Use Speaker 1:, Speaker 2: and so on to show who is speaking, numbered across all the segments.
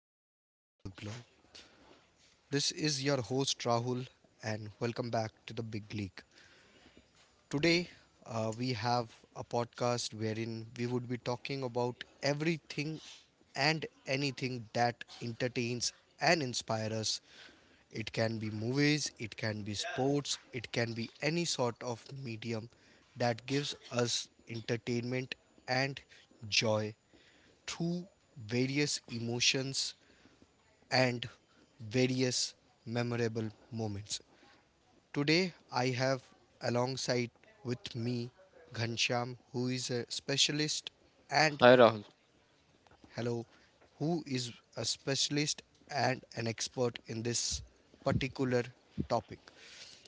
Speaker 1: listeners throughout the globe. This is your host Rahul, and welcome back to the Big League. Today, we have a podcast wherein we would be talking about everything and anything that entertains and inspires us. It can be movies, it can be sports, it can be any sort of medium that gives us entertainment and joy through various emotions and various memorable moments. Today I have alongside with me Ghanshyam, who is a specialist and
Speaker 2: Hi Rahul.
Speaker 1: hello, who is a specialist and an expert in this particular topic.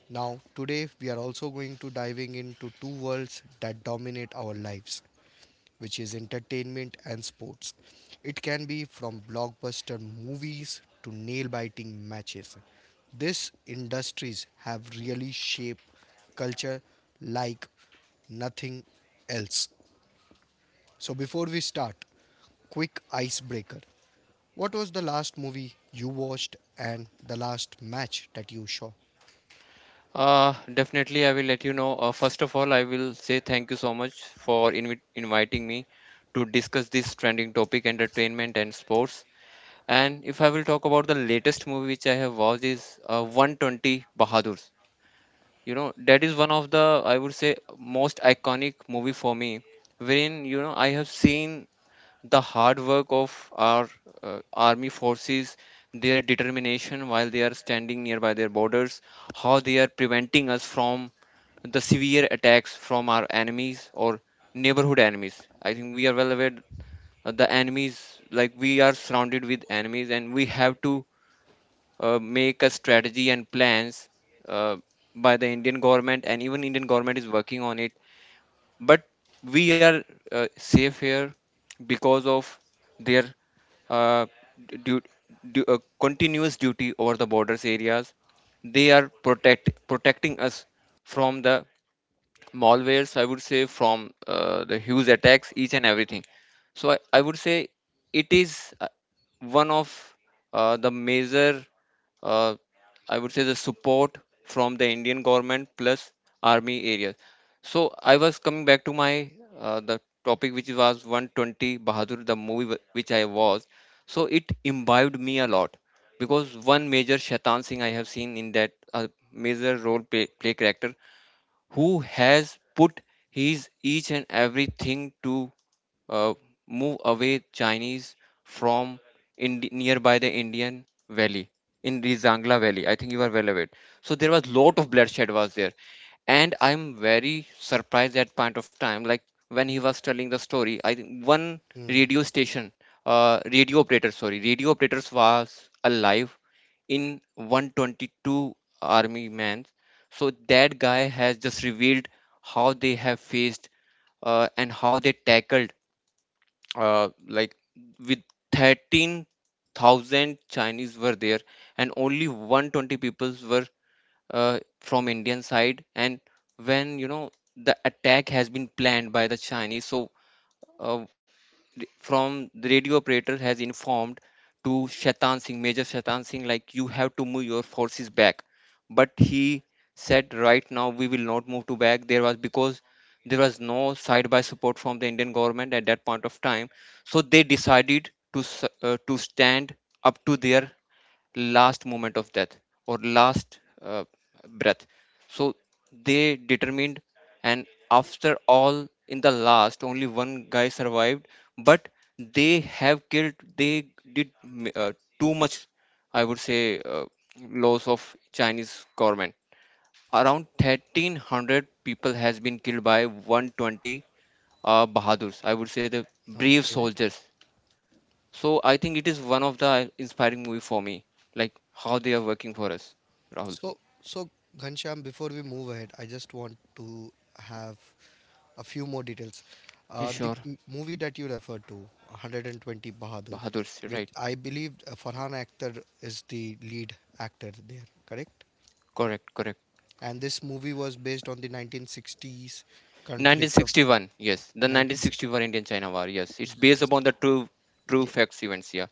Speaker 1: Now, today we are also going to diving into two worlds that dominate our lives, which is entertainment and sports. It can be from blockbuster movies to nail-biting matches. These industries have really shaped culture like nothing else. So before we start, quick icebreaker. What was the last movie you watched and the last match that you saw?
Speaker 2: Definitely, I will let you know. First of all, I will say thank you so much for inviting me to discuss this trending topic, entertainment and sports. And if I will talk about the latest movie which I have watched is 120 Bahadurs. You know, that is one of the, I would say, most iconic movie for me, wherein, I have seen the hard work of our army forces, their determination while they are standing nearby their borders, how they are preventing us from the severe attacks from our enemies or neighborhood enemies. I think we are well aware the enemies, like we are surrounded with enemies, and we have to make a strategy and plans uh, by the Indian government, and even Indian government is working on it. But we are safe here because of their uh, du- continuous duty over the borders areas. They are protecting us from the malwares. I would say from the huge attacks, each and everything. So I would say it is one of the major uh, I would say the support from the Indian government plus army areas. So I was coming back to my the topic which was 120 Bahadur, the movie which I was. So it imbibed me a lot because one major Shaitan Singh I have seen in that a major role play, play character who has put his each and everything to uh, move away Chinese from nearby the Indian Valley in the Zangla Valley. I think you are well aware. So there was lot of bloodshed was there, and I'm very surprised at point of time. Like when he was telling the story, I think one
Speaker 1: Hmm.
Speaker 2: radio station, radio operator, sorry, radio operators was alive in 122 army man. So that guy has just revealed how they have faced and how they tackled like with 13,000 Chinese were there and only 120 people were from Indian side, and when you know the attack has been planned by the Chinese, so uh, from the radio operator has informed to Shaitan Singh, Major Shaitan Singh, like you have to move your forces back. But he said, right now we will not move to back. There was because there was no side by support from the Indian government at that point of time, so they decided to stand up to their last moment of death or last breath. So they determined, and after all in the last only one guy survived, but they have killed, they did too much, I would say loss of Chinese government. Around 1300 people has been killed by 120 bahadurs, I would say the brave
Speaker 1: Okay.
Speaker 2: soldiers. So I think it is one of the inspiring movie for me, like how they are working for us. Rahul,
Speaker 1: So, Ghanshyam, before we move ahead, I just want to have a few more details.
Speaker 2: yeah,
Speaker 1: Uh, the
Speaker 2: sure.
Speaker 1: m- movie that you referred to, 120 Bahadur,
Speaker 2: Bahadur, you're
Speaker 1: which
Speaker 2: right.
Speaker 1: I believe Farhan Akhtar is the lead actor there, correct?
Speaker 2: Correct, correct.
Speaker 1: And this movie was based on the 1960s conflict of
Speaker 2: 1961, yes, the
Speaker 1: nineteen.
Speaker 2: 1961 Indian-China War, yes, it's based
Speaker 1: Yes.
Speaker 2: upon the true
Speaker 1: Yeah.
Speaker 2: facts events. Yeah.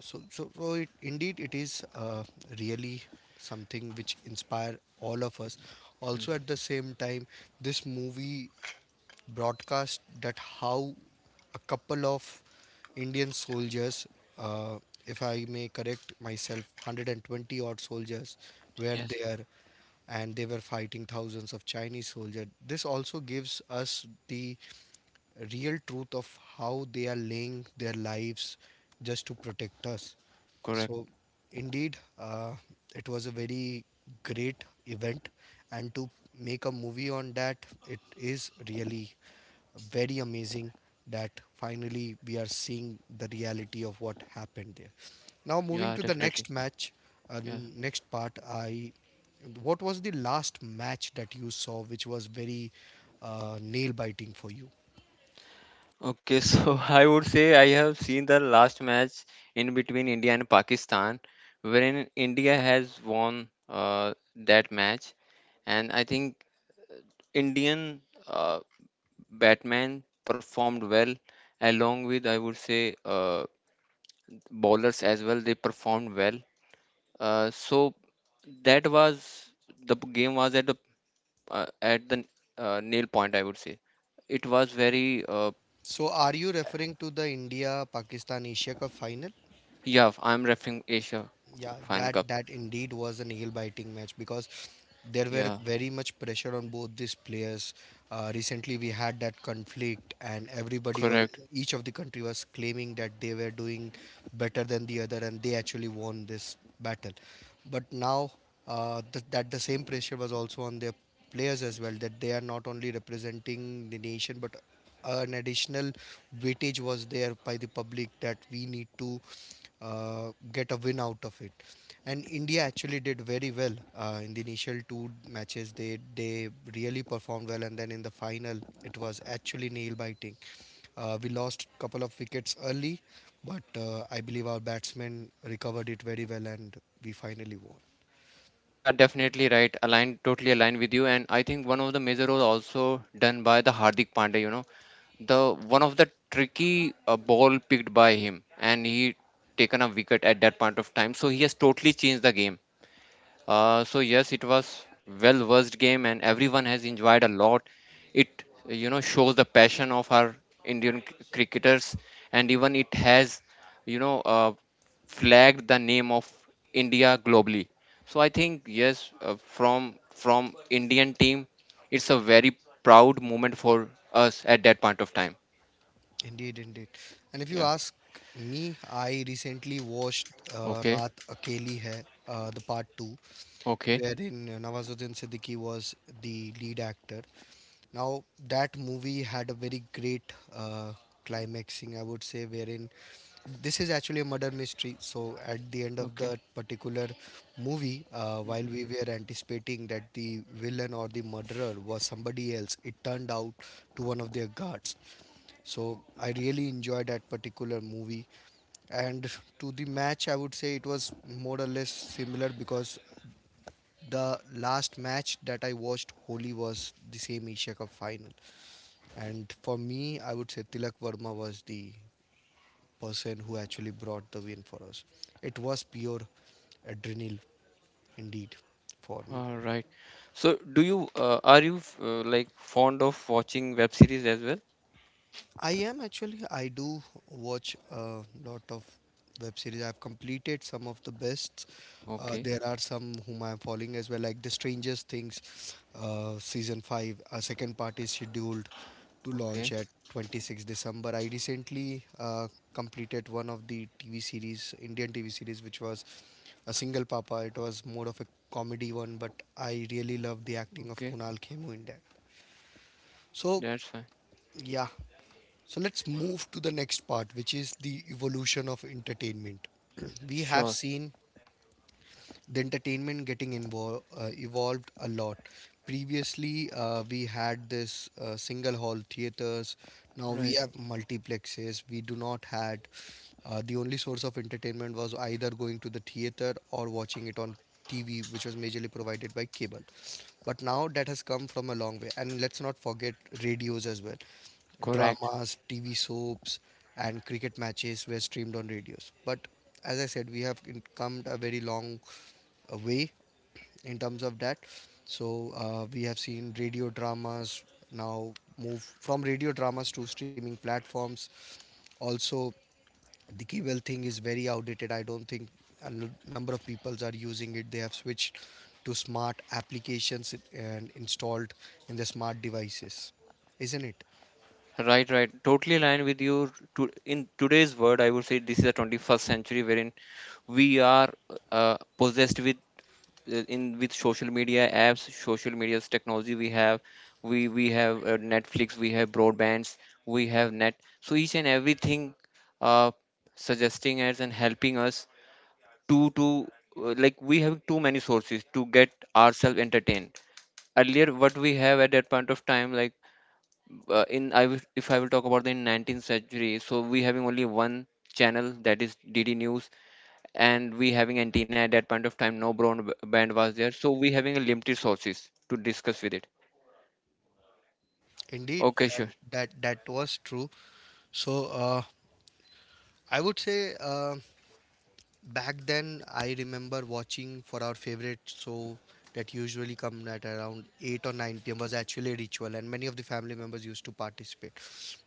Speaker 1: So, it, indeed, it is really something which inspire all of us.
Speaker 2: Mm,
Speaker 1: Also, at the same time, this movie broadcast that how a couple of Indian soldiers, uh, if I may correct myself, 120 odd soldiers were
Speaker 2: yes,
Speaker 1: there and they were fighting thousands of Chinese soldiers. This also gives us the real truth of how they are laying their lives just to protect us. So,
Speaker 2: correct.
Speaker 1: indeed, it was a very great event, and to make a movie on that, it is really very amazing that finally we are seeing the reality of what happened there. Now, moving
Speaker 2: Yeah,
Speaker 1: to the
Speaker 2: definitely.
Speaker 1: next match,
Speaker 2: Yeah.
Speaker 1: next part. I What was the last match that you saw which was very nail biting for you?
Speaker 2: Okay, so I would say I have seen the last match in between India and Pakistan, wherein India has won that match, and I think Indian uh, Batman performed well, along with I would say bowlers as well. They performed well. So that was the game was at the nail point. I would say it was very,
Speaker 1: So, are you referring to the India Pakistan Asia Cup final?
Speaker 2: yeah. I'm referring Asia
Speaker 1: Yeah,
Speaker 2: Final
Speaker 1: that
Speaker 2: Cup.
Speaker 1: that indeed was a nail-biting match because there were
Speaker 2: Yeah,
Speaker 1: very much pressure on both these players. Recently, we had that conflict, and everybody was
Speaker 2: correct.
Speaker 1: each of the country was claiming that they were doing better than the other, and they actually won this battle. But now that the same pressure was also on their players as well, that they are not only representing the nation but an additional weightage was there by the public that we need to get a win out of it. And India actually did very well in the initial two matches. They really performed well, and then in the final, it was actually nail biting. We lost a couple of wickets early, but I believe our batsmen recovered it very well, and we finally won.
Speaker 2: Yeah, definitely right. Aligned, totally aligned with you. And I think one of the major role also done by the Hardik Pandya, the one of the tricky ball picked by him, and he taken a wicket at that point of time, so he has totally changed the game. So yes, it was well versed game, and everyone has enjoyed a lot. It shows the passion of our Indian cricketers, and even it has you know uh, flagged the name of India globally. So I think yes, from Indian team, it's a very proud moment for us at that point of time.
Speaker 1: Indeed, indeed. And if you
Speaker 2: Yeah.
Speaker 1: ask me, I recently watched
Speaker 2: Okay.
Speaker 1: Raat Akeli Hai, the part two,
Speaker 2: Okay.
Speaker 1: wherein Nawazuddin Siddiqui was the lead actor. Now, that movie had a very great climaxing, I would say, wherein this is actually a murder mystery. So, at the end of
Speaker 2: Okay.
Speaker 1: that particular movie, while
Speaker 2: Hmm.
Speaker 1: we were anticipating that the villain or the murderer was somebody else, it turned out to one of their guards. So I really enjoyed that particular movie. And to the match, I would say it was more or less similar because the last match that I watched, Holi, was the same Asia Cup final. And for me, I would say Tilak Verma was the person who actually brought the win for us. It was pure adrenaline, indeed, for me.
Speaker 2: All right. So, do you are you like fond of watching web series as well?
Speaker 1: I am actually. I do watch a lot of web series. I've completed some of the best. Uh,
Speaker 2: Okay.
Speaker 1: there are some whom I'm following as well, like The Strangest Things, season five. A second part is scheduled to launch
Speaker 2: Okay.
Speaker 1: at 26 December. I recently completed one of the TV series, Indian TV series, which was a single papa. It was more of a comedy one, but I really loved the acting of
Speaker 2: Okay.
Speaker 1: Kunal Khemu in that. So,
Speaker 2: That's fine.
Speaker 1: yeah, so let's move to the next part, which is the evolution of entertainment. We have
Speaker 2: Sure.
Speaker 1: seen the entertainment getting involved evolved a lot. Previously, we had this single hall theaters. Now we
Speaker 2: Right.
Speaker 1: have multiplexes. We do not had. The only source of entertainment was either going to the theater or watching it on TV, which was majorly provided by cable. But now that has come from a long way, and let's not forget radios as well.
Speaker 2: Correct.
Speaker 1: Dramas, TV soaps, and cricket matches were streamed on radios. But as I said, we have come a very long way in terms of that. So we have seen radio dramas now move from radio dramas to streaming platforms. Also, the cable thing is very outdated. I don't think a number of people are using it. They have switched to smart applications and installed in the smart devices, isn't it?
Speaker 2: Right. Right. Totally aligned with you. To in today's world, I would say this is the 21st century wherein we are possessed with social media apps, social media's technology we have, we have Netflix, we have broadbands, we have net. So each and everything uh, suggesting us and helping us to like we have too many sources to get ourselves entertained. Earlier, what we have at that point of time, like in if I will talk about the 19th century, so we having only one channel that is DD News, and we having antenna at that point of time, no broadband was there, so we having a limited sources to discuss with it.
Speaker 1: Indeed,
Speaker 2: Okay,
Speaker 1: that
Speaker 2: sure.
Speaker 1: that that was true. So I would say back then I remember watching for our favorite show that usually come at around 8 or 9 p.m. was actually a ritual and many of the family members used to participate.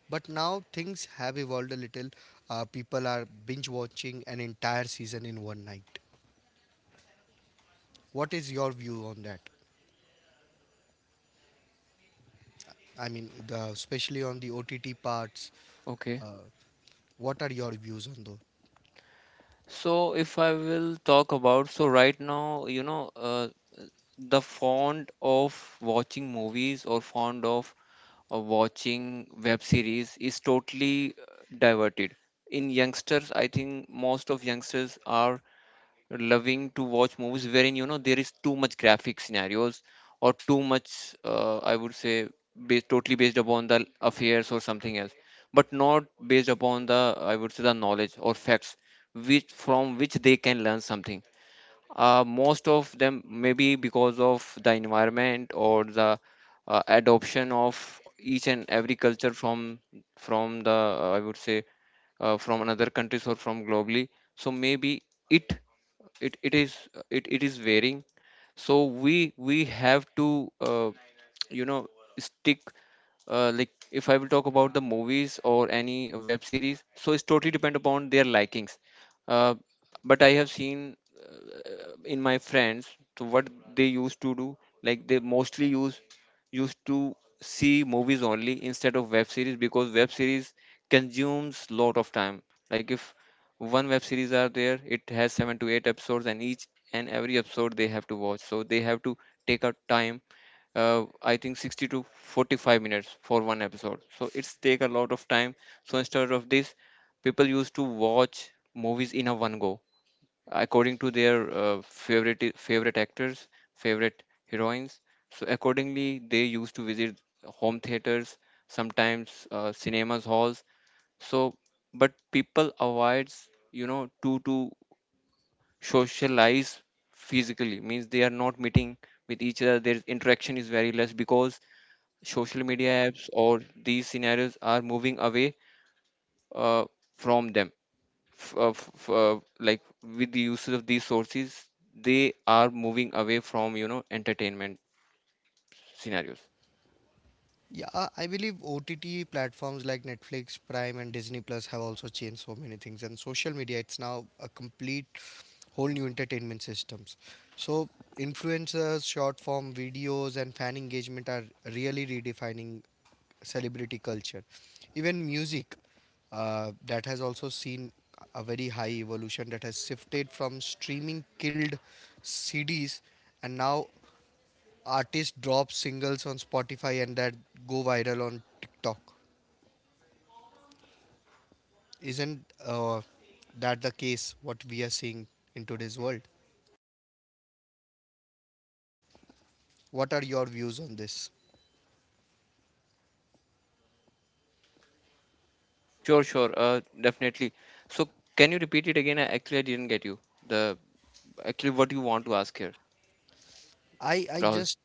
Speaker 1: But now things have evolved a little. People are binge watching an entire season in one night. What is your view on that? I mean, especially on the OTT parts,
Speaker 2: Okay.
Speaker 1: what are your views on those?
Speaker 2: So if I will talk about, so right now, the fond of watching movies or fond of watching web series is totally diverted in youngsters. I think most of youngsters are loving to watch movies wherein there is too much graphic scenarios or too much I would say totally based upon the affairs or something else, but not based upon the I would say the knowledge or facts which from which they can learn something. Most of them maybe because of the environment or the adoption of each and every culture from the I would say from another countries or from globally. So maybe it it is varying, so we have to you know stick. Like if I will talk about the movies or any web series, so it's totally depend upon their likings. uh, but I have seen in my friends, so what they used to do, like they mostly used to see movies only instead of web series because web series consumes lot of time. Like if one web series are there, it has 7 to 8 episodes, and each and every episode they have to watch, so they have to take out time, I think 60 to 45 minutes for one episode. So it's take a lot of time. So instead of this, people used to watch movies in a one go according to their favorite actors, favorite heroines. So accordingly, they used to visit home theaters, sometimes cinemas halls. So, but people avoids to socialize physically, means they are not meeting with each other. Their interaction is very less because social media apps or these scenarios are moving away uh, from them, like with the usage of these sources, they are moving away from entertainment scenarios.
Speaker 1: Yeah, I believe OTT platforms like Netflix, Prime, and Disney Plus have also changed so many things. And social media, it's now a complete whole new entertainment systems. So influencers, short form videos, and fan engagement are really redefining celebrity culture. Even music, that has also seen a very high evolution that has shifted from streaming killed CDs, and now artists drop singles on Spotify and that go viral on TikTok. Isn't that the case what we are seeing in today's world? What are your views on this?
Speaker 2: Sure, sure. Definitely. So can you repeat it again? Actually, I didn't get you, the actually, what you want to ask here,
Speaker 1: I I
Speaker 2: Rahul?
Speaker 1: just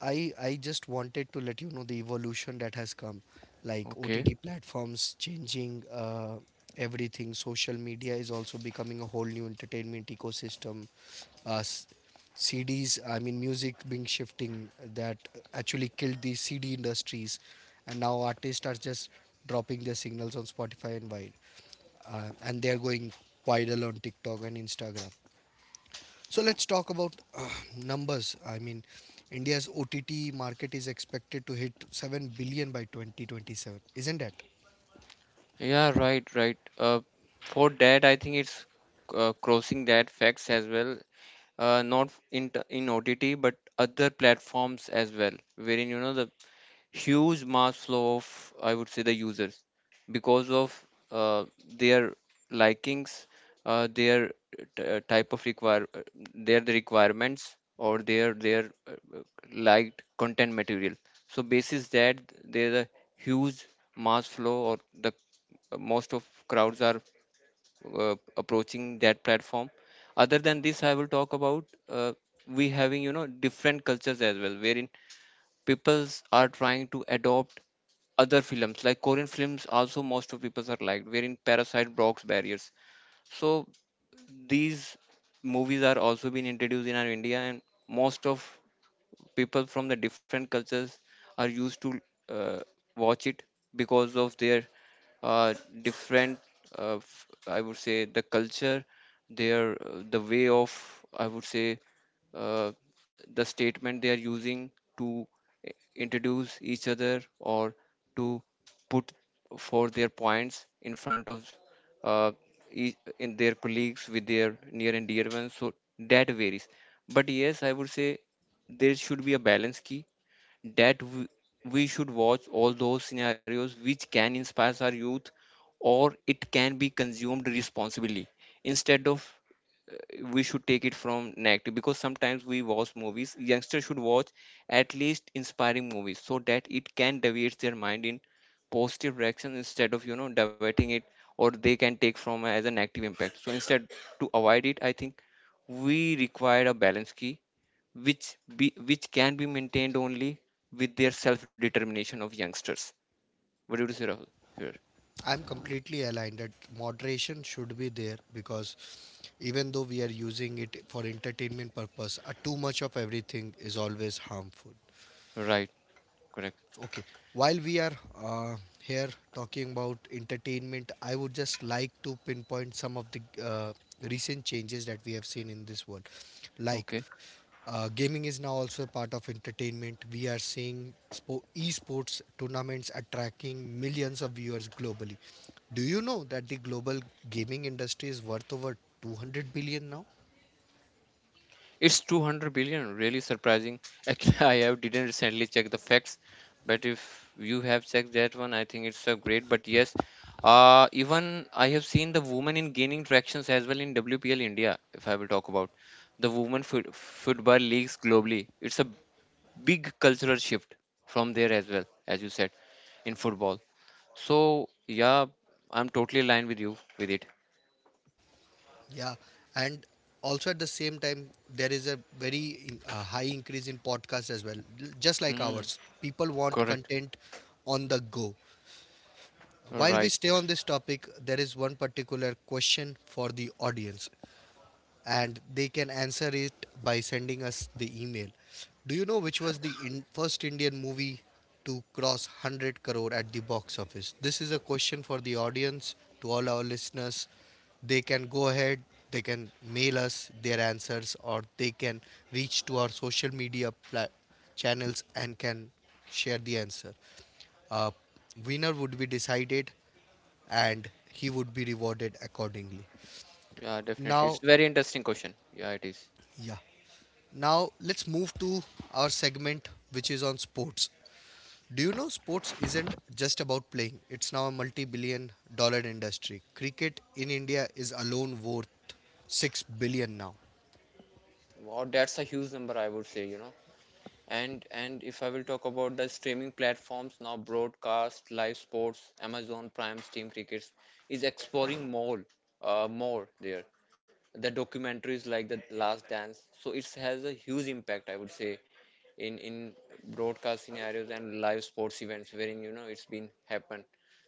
Speaker 1: I just wanted to let you know the evolution that has come, like
Speaker 2: Okay.
Speaker 1: OTT platforms changing everything. Social media is also becoming a whole new entertainment ecosystem. Uh, s- CDs, I mean, music being shifting that actually killed the CD industries, and now artists are just dropping their signals on Spotify and wide, and they are going viral on TikTok and Instagram. So let's talk about numbers. I mean, India's OTT market is expected to hit 7 billion by 2027, isn't it?
Speaker 2: Yeah, right, right. For that, I think it's crossing that facts as well. Not in OTT, but other platforms as well, wherein the huge mass flow of I would say the users because of uh, their likings, their type of require their the requirements or their liked content material. So basis that, there's a huge mass flow or the most of crowds are approaching that platform. Other than this, I will talk about, we having different cultures as well, wherein peoples are trying to adopt other films, like Korean films. Also most of people are liked, wherein Parasite blocks barriers, so these movies are also being introduced in our India, and most of people from the different cultures are used to uh, watch it because of their uh, different I would say the culture, their the way of I would say uh, the statement they are using to introduce each other or to put for their points in front of uh, in their colleagues with their near and dear ones. So that varies, but yes, I would say there should be a balance key that we should watch all those scenarios which can inspire our youth or it can be consumed responsibly instead of uh, we should take it from negative because sometimes we watch movies, youngsters should watch at least inspiring movies so that it can deviate their mind in positive direction instead of diverting it or they can take from as a negative impact. So instead to avoid it, I think we require a balance key which can be maintained only with their self-determination of youngsters. What do you say, Rahul? Here,
Speaker 1: I'm completely aligned that moderation should be there because even though we are using it for entertainment purpose, too much of everything is always harmful.
Speaker 2: right, correct.
Speaker 1: Okay, while we are here talking about entertainment, I would just like to pinpoint some of the recent changes that we have seen in this world, like
Speaker 2: Okay,
Speaker 1: gaming is now also a part of entertainment. We are seeing esports tournaments attracting millions of viewers globally. Do you know that the global gaming industry is worth over 200 billion now?
Speaker 2: it's 200 billion. Really surprising. Actually, I have didn't recently check the facts, but if you have checked that one, I think it's a great. But yes, even I have seen the women in gaining tractions as well in WPL India. If I will talk about the football leagues globally, it's a big cultural shift from there as well, as you said in football. So yeah, I'm totally aligned with you with it.
Speaker 1: Yeah, and also at the same time, there is a very high increase in podcasts as well, just like
Speaker 2: Mm,
Speaker 1: ours. People want
Speaker 2: correct.
Speaker 1: content on the go. While we
Speaker 2: Right.
Speaker 1: stay on this topic, there is one particular question for the audience and they can answer it by sending us the email. Do you know which was the first Indian movie to cross 100 crore at the box office? This is a question for the audience, to all our listeners. They can go ahead, they can mail us their answers, or they can reach to our social media channels and can share the answer. Uh, winner would be decided and he would be rewarded accordingly.
Speaker 2: Yeah, definitely.
Speaker 1: Now,
Speaker 2: It's very interesting question. Yeah, it is.
Speaker 1: yeah. Now let's move to our segment which is on sports. Do you know sports isn't just about playing? It's now a multi-billion dollar industry. Cricket in India is alone worth 6 billion now.
Speaker 2: Wow, that's a huge number, I would say, you know. And if I will talk about the streaming platforms now, broadcast, live sports, Amazon Prime, Steam Crickets is exploring more, more there. The documentaries like The Last Dance, so it has a huge impact, I would say, in broadcast scenarios and live sports events wherein you know it's been happened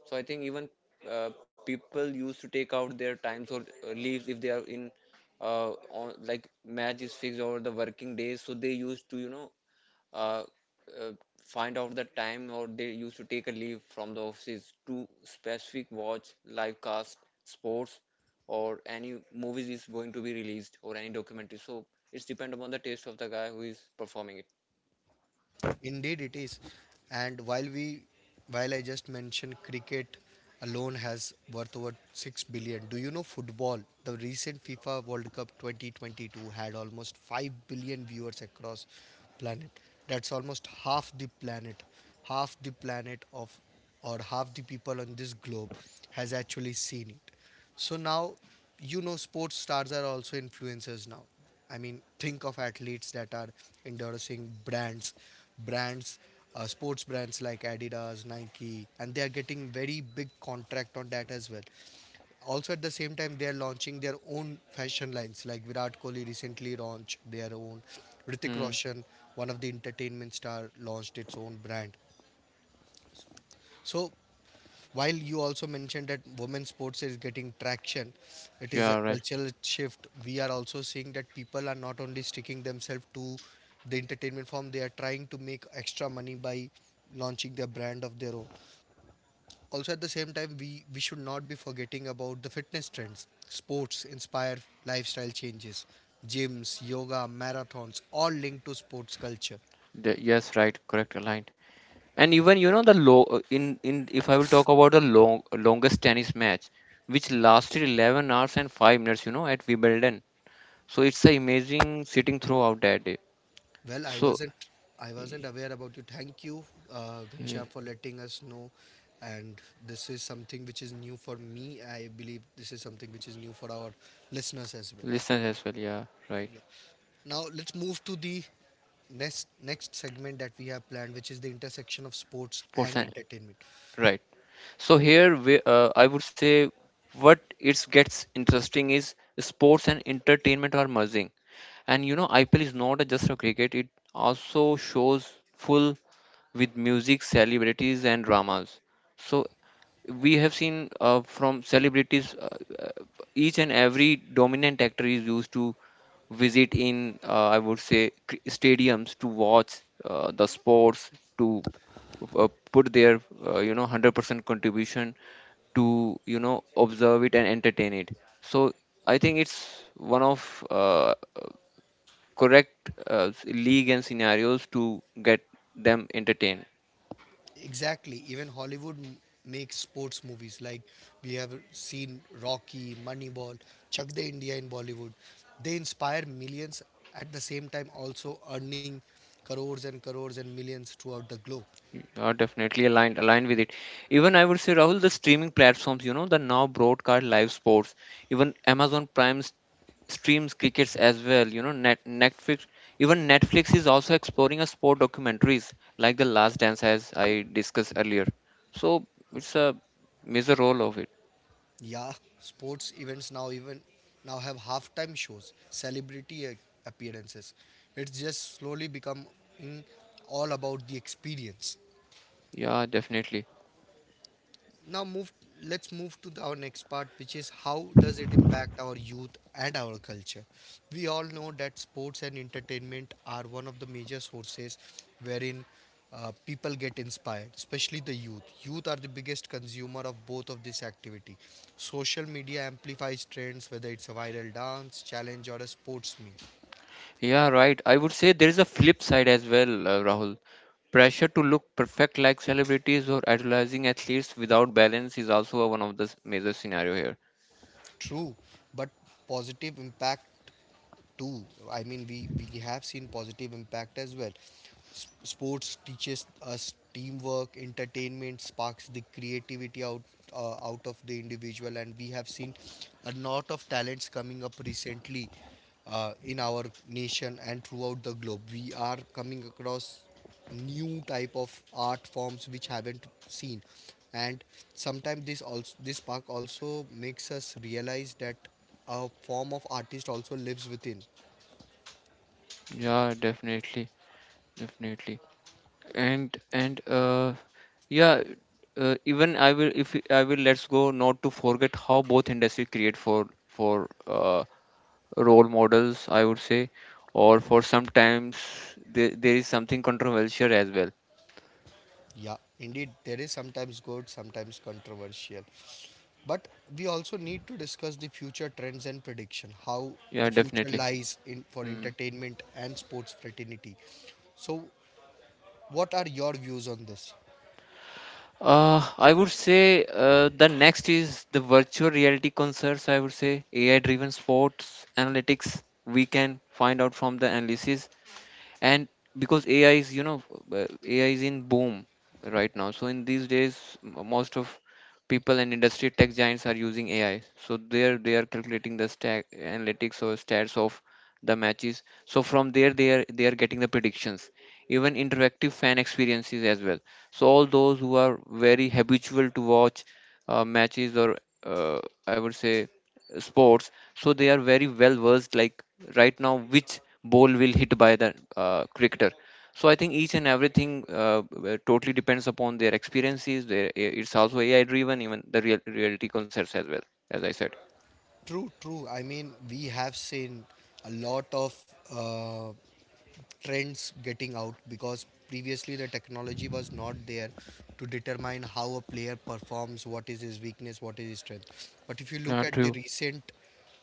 Speaker 2: so I think even people used to take out their times or leaves if they are in on, like match is fixed over the working days so they used to you know uh, uh, find out the time or they used to take a leave from the offices to specific watch live cast sports or any movies is going to be released or any documentary so it's depend upon the taste of the guy who is performing it.
Speaker 1: Indeed, it is. And while we, while I just mentioned cricket alone has worth over 6 billion. Do you know football? The recent FIFA World Cup 2022 had almost 5 billion viewers across planet. That's almost half the planet of, or half the people on this globe has actually seen it. So now, you know, sports stars are also influencers now. I mean, think of athletes that are endorsing brands, sports brands like Adidas, Nike, and they are getting very big contract on that as well. Also, at the same time, they are launching their own fashion lines. Like Virat Kohli recently launched their own. Ritik
Speaker 2: Hmm.
Speaker 1: Roshan, one of the entertainment star, launched its own brand. So while you also mentioned that women's sports is getting traction, it is a
Speaker 2: Yeah, right.
Speaker 1: cultural shift. We are also seeing that people are not only sticking themselves to the entertainment form, they are trying to make extra money by launching their brand of their own. Also, at the same time, we should not be forgetting about the fitness trends. Sports inspire lifestyle changes, gyms, yoga, marathons, all linked to sports culture.
Speaker 2: The, yes, right. Correct. Aligned. And even you know the low in if I will talk about the longest tennis match, which lasted 11 hours and 5 minutes. You know at Wimbledon. So it's a amazing sitting throughout that day.
Speaker 1: Well, I
Speaker 2: So
Speaker 1: wasn't I wasn't
Speaker 2: y-
Speaker 1: aware about it. Thank you,
Speaker 2: y-
Speaker 1: Ghanshyam, for letting us know. And this is something which is new for me. I believe this is something which is new for our listeners as well.
Speaker 2: listeners as well. Yeah, right.
Speaker 1: Yeah. Now let's move to the next segment that we have planned, which is the intersection of sports
Speaker 2: Sports
Speaker 1: and
Speaker 2: and
Speaker 1: entertainment.
Speaker 2: right. So here we, I would say what it gets interesting is sports and entertainment are merging. And you know, IPL is not just a cricket, it also shows full with music, celebrities, and dramas. So we have seen from celebrities, each and every dominant actor is used to visit in, I would say, stadiums to watch the sports, to put their, you know, 100% contribution to, you know, observe it and entertain it. So I think it's one of correct league and scenarios to get them entertained.
Speaker 1: Exactly. Even Hollywood makes sports movies. Like we have seen Rocky, Moneyball, Chak De India in Bollywood. They inspire millions at the same time also earning crores and crores and millions throughout the globe.
Speaker 2: You are definitely aligned with it. Even I would say Rahul, the streaming platforms, you know, the now broadcast live sports, even Amazon Prime streams crickets as well, you know, Netflix, even Netflix is also exploring a sport documentaries like The Last Dance, as I discussed earlier. So it's a major role of it.
Speaker 1: Yeah, sports events now have halftime shows, celebrity appearances. It's just slowly becoming all about the experience.
Speaker 2: Yeah, definitely.
Speaker 1: Now move let's move to our next part, which is how does it impact our youth and our culture. We all know that sports and entertainment are one of the major sources wherein people get inspired, especially the youth. Youth are the biggest consumer of both of this activity. Social media amplifies trends, whether it's a viral dance, challenge or a sports meme.
Speaker 2: Yeah, right. I would say there is a flip side as well, Rahul. Pressure to look perfect like celebrities or idolizing athletes without balance is also a one of the major scenario here.
Speaker 1: True, but positive impact too. I mean, we have seen positive impact as well. Sports teaches us teamwork. Entertainment sparks the creativity out of the individual, and we have seen a lot of talents coming up recently in our nation, and throughout the globe we are coming across new type of art forms which haven't seen. And sometimes this also, this park also makes us realize that a form of artist also lives within.
Speaker 2: Yeah, definitely. And yeah, even I will let's go not to forget how both industry create for role models, I would say, or for sometimes there is something controversial as well.
Speaker 1: Yeah, indeed, there is sometimes good, sometimes controversial, but we also need to discuss the future trends and prediction how
Speaker 2: Yeah,
Speaker 1: the future
Speaker 2: definitely.
Speaker 1: lies in for
Speaker 2: Hmm.
Speaker 1: entertainment and sports fraternity. So what are your views on this?
Speaker 2: I would say the next is the virtual reality concerts. I would say AI driven sports analytics. We can find out from the analysis. And because ai is you know ai is in boom right now, so in these days most of people and industry tech giants are using ai, so they are calculating the stack analytics or stats of the matches, so from there they are getting the predictions, even interactive fan experiences as well. So all those who are very habitual to watch matches or uh, I would say sports, so they are very well versed like right now which ball will hit by the cricketer. So I think each and everything totally depends upon their experiences, their it's also ai driven, even the reality concepts as well, as I said.
Speaker 1: True, true. I mean, we have seen a lot of uh, trends getting out because previously the technology was not there to determine how a player performs, what is his weakness, what is his strength. But if you
Speaker 2: Yeah,
Speaker 1: look at the
Speaker 2: true.
Speaker 1: recent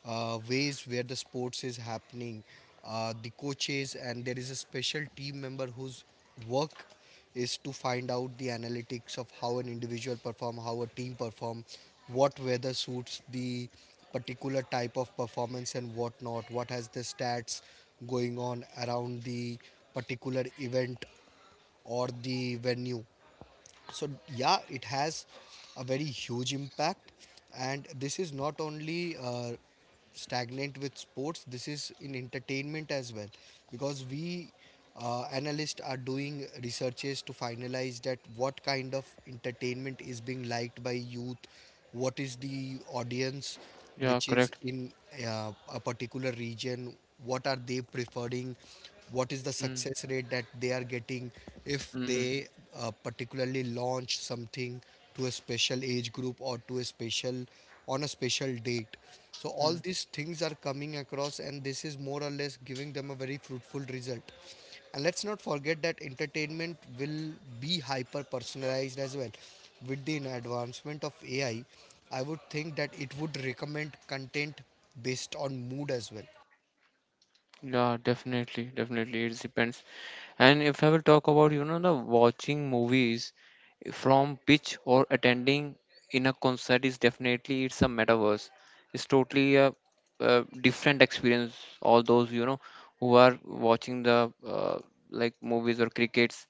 Speaker 1: ways where the sports is happening, the coaches, and there is a special team member whose work is to find out the analytics of how an individual perform, how a team perform, what weather suits the particular type of performance and what not, what has the stats going on around the particular event or the venue. So yeah, it has a very huge impact. And this is not only stagnant with sports, this is in entertainment as well, because we, analysts are doing researches to finalize that what kind of entertainment is being liked by youth, what is the audience
Speaker 2: Yeah,
Speaker 1: which is
Speaker 2: correct.
Speaker 1: in a particular region, what are they preferring, what is the
Speaker 2: Mm,
Speaker 1: success rate that they are getting if
Speaker 2: mm-hmm.
Speaker 1: they particularly launch something to a special age group or to a special, on a special date. So all
Speaker 2: Mm.
Speaker 1: these things are coming across, and this is more or less giving them a very fruitful result. And let's not forget that entertainment will be hyper personalized as well. With the advancement of AI, I would think that it would recommend content based on mood as well.
Speaker 2: Yeah, definitely. It depends. And if I will talk about, you know, the watching movies, from pitch or attending in a concert is definitely it's a metaverse, it's totally a different experience. All those you know who are watching the like movies or crickets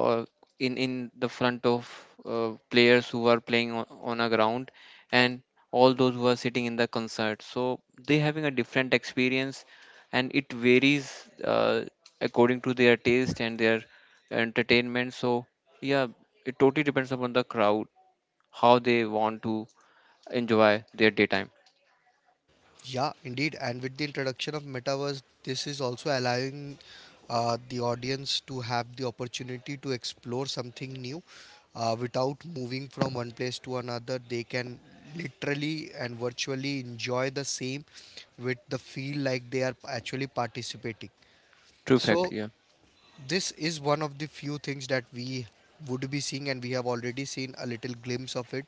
Speaker 2: or in the front of players who are playing on a ground, and all those who are sitting in the concert, so they having a different experience, and it varies according to their taste and their entertainment. So yeah, it totally depends upon the crowd, how they want to enjoy their daytime.
Speaker 1: Yeah, indeed. And with the introduction of metaverse, this is also allowing the audience to have the opportunity to explore something new without moving from one place to another. They can literally and virtually enjoy the same with the feel like they are actually participating.
Speaker 2: True fact,
Speaker 1: So
Speaker 2: yeah.
Speaker 1: this is one of the few things that we would be seeing, and we have already seen a little glimpse of it.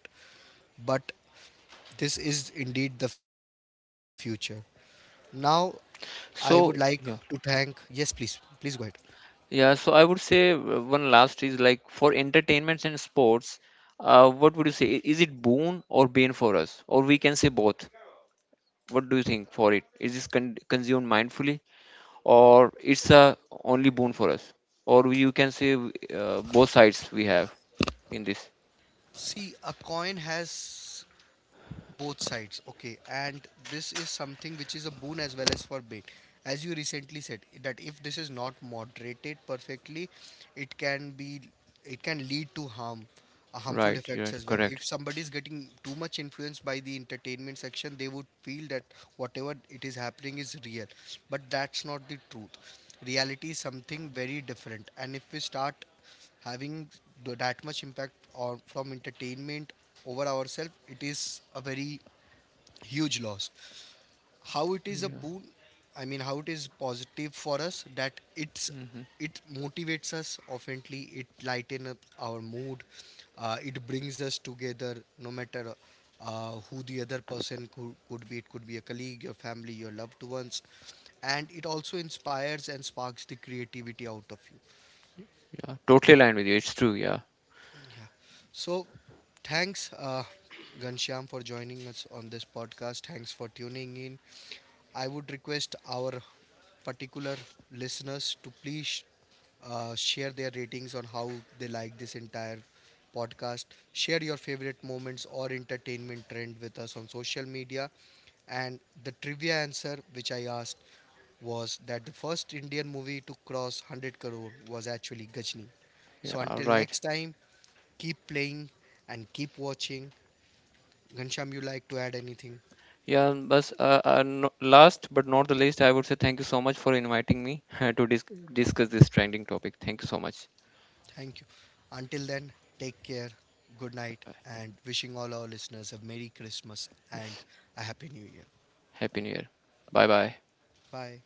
Speaker 1: But this is indeed the future. Now,
Speaker 2: So,
Speaker 1: I would
Speaker 2: yeah.
Speaker 1: like to thank. Yes, please. Please go ahead.
Speaker 2: Yeah, so I would say one last is like for entertainments and sports, what would you say? Is it boon or bane for us? Or we can say both. What do you think for it? Is this consumed mindfully, or it's a only boon for us? Or you can say both sides we have in this.
Speaker 1: See, a coin has both sides, okay, and this is something which is a boon as well as for bait. As you recently said, that if this is not moderated perfectly, it can be, it can lead to harm, harmful
Speaker 2: Right,
Speaker 1: effects
Speaker 2: you're
Speaker 1: as well. If
Speaker 2: correct.
Speaker 1: somebody is getting too much influenced by the entertainment section, they would feel that whatever it is happening is real, but that's not the truth. Reality is something very different, and if we start having that much impact or from entertainment over ourselves, it is a very huge loss. How it is a
Speaker 2: Yeah.
Speaker 1: boon, I mean how it is positive for us, that it's,
Speaker 2: Hmm.
Speaker 1: it motivates us, oftenly it lightens up our mood, it brings us together, no matter who the other person could be, it could be a colleague, your family, your loved ones. And it also inspires and sparks the creativity out of you.
Speaker 2: Yeah. Totally aligned with you. It's true. Yeah.
Speaker 1: Yeah. So thanks, Ghanshyam, for joining us on this podcast. Thanks for tuning in. I would request our particular listeners to please share their ratings on how they like this entire podcast. Share your favorite moments or entertainment trend with us on social media. And the trivia answer which I asked was that the first Indian movie to cross 100 crore was actually Gajni. So
Speaker 2: Yeah,
Speaker 1: until
Speaker 2: right.
Speaker 1: next time, keep playing and keep watching. Ghanshyam, you like to add anything?
Speaker 2: Yeah, and bas, no, last but not the least, I would say thank you so much for inviting me to discuss this trending topic. Thank you so much.
Speaker 1: Thank you. Until then, take care. Good night and wishing all our listeners a Merry Christmas and
Speaker 2: Yes.
Speaker 1: a Happy New Year.
Speaker 2: Happy New Year. Bye bye.
Speaker 1: Bye.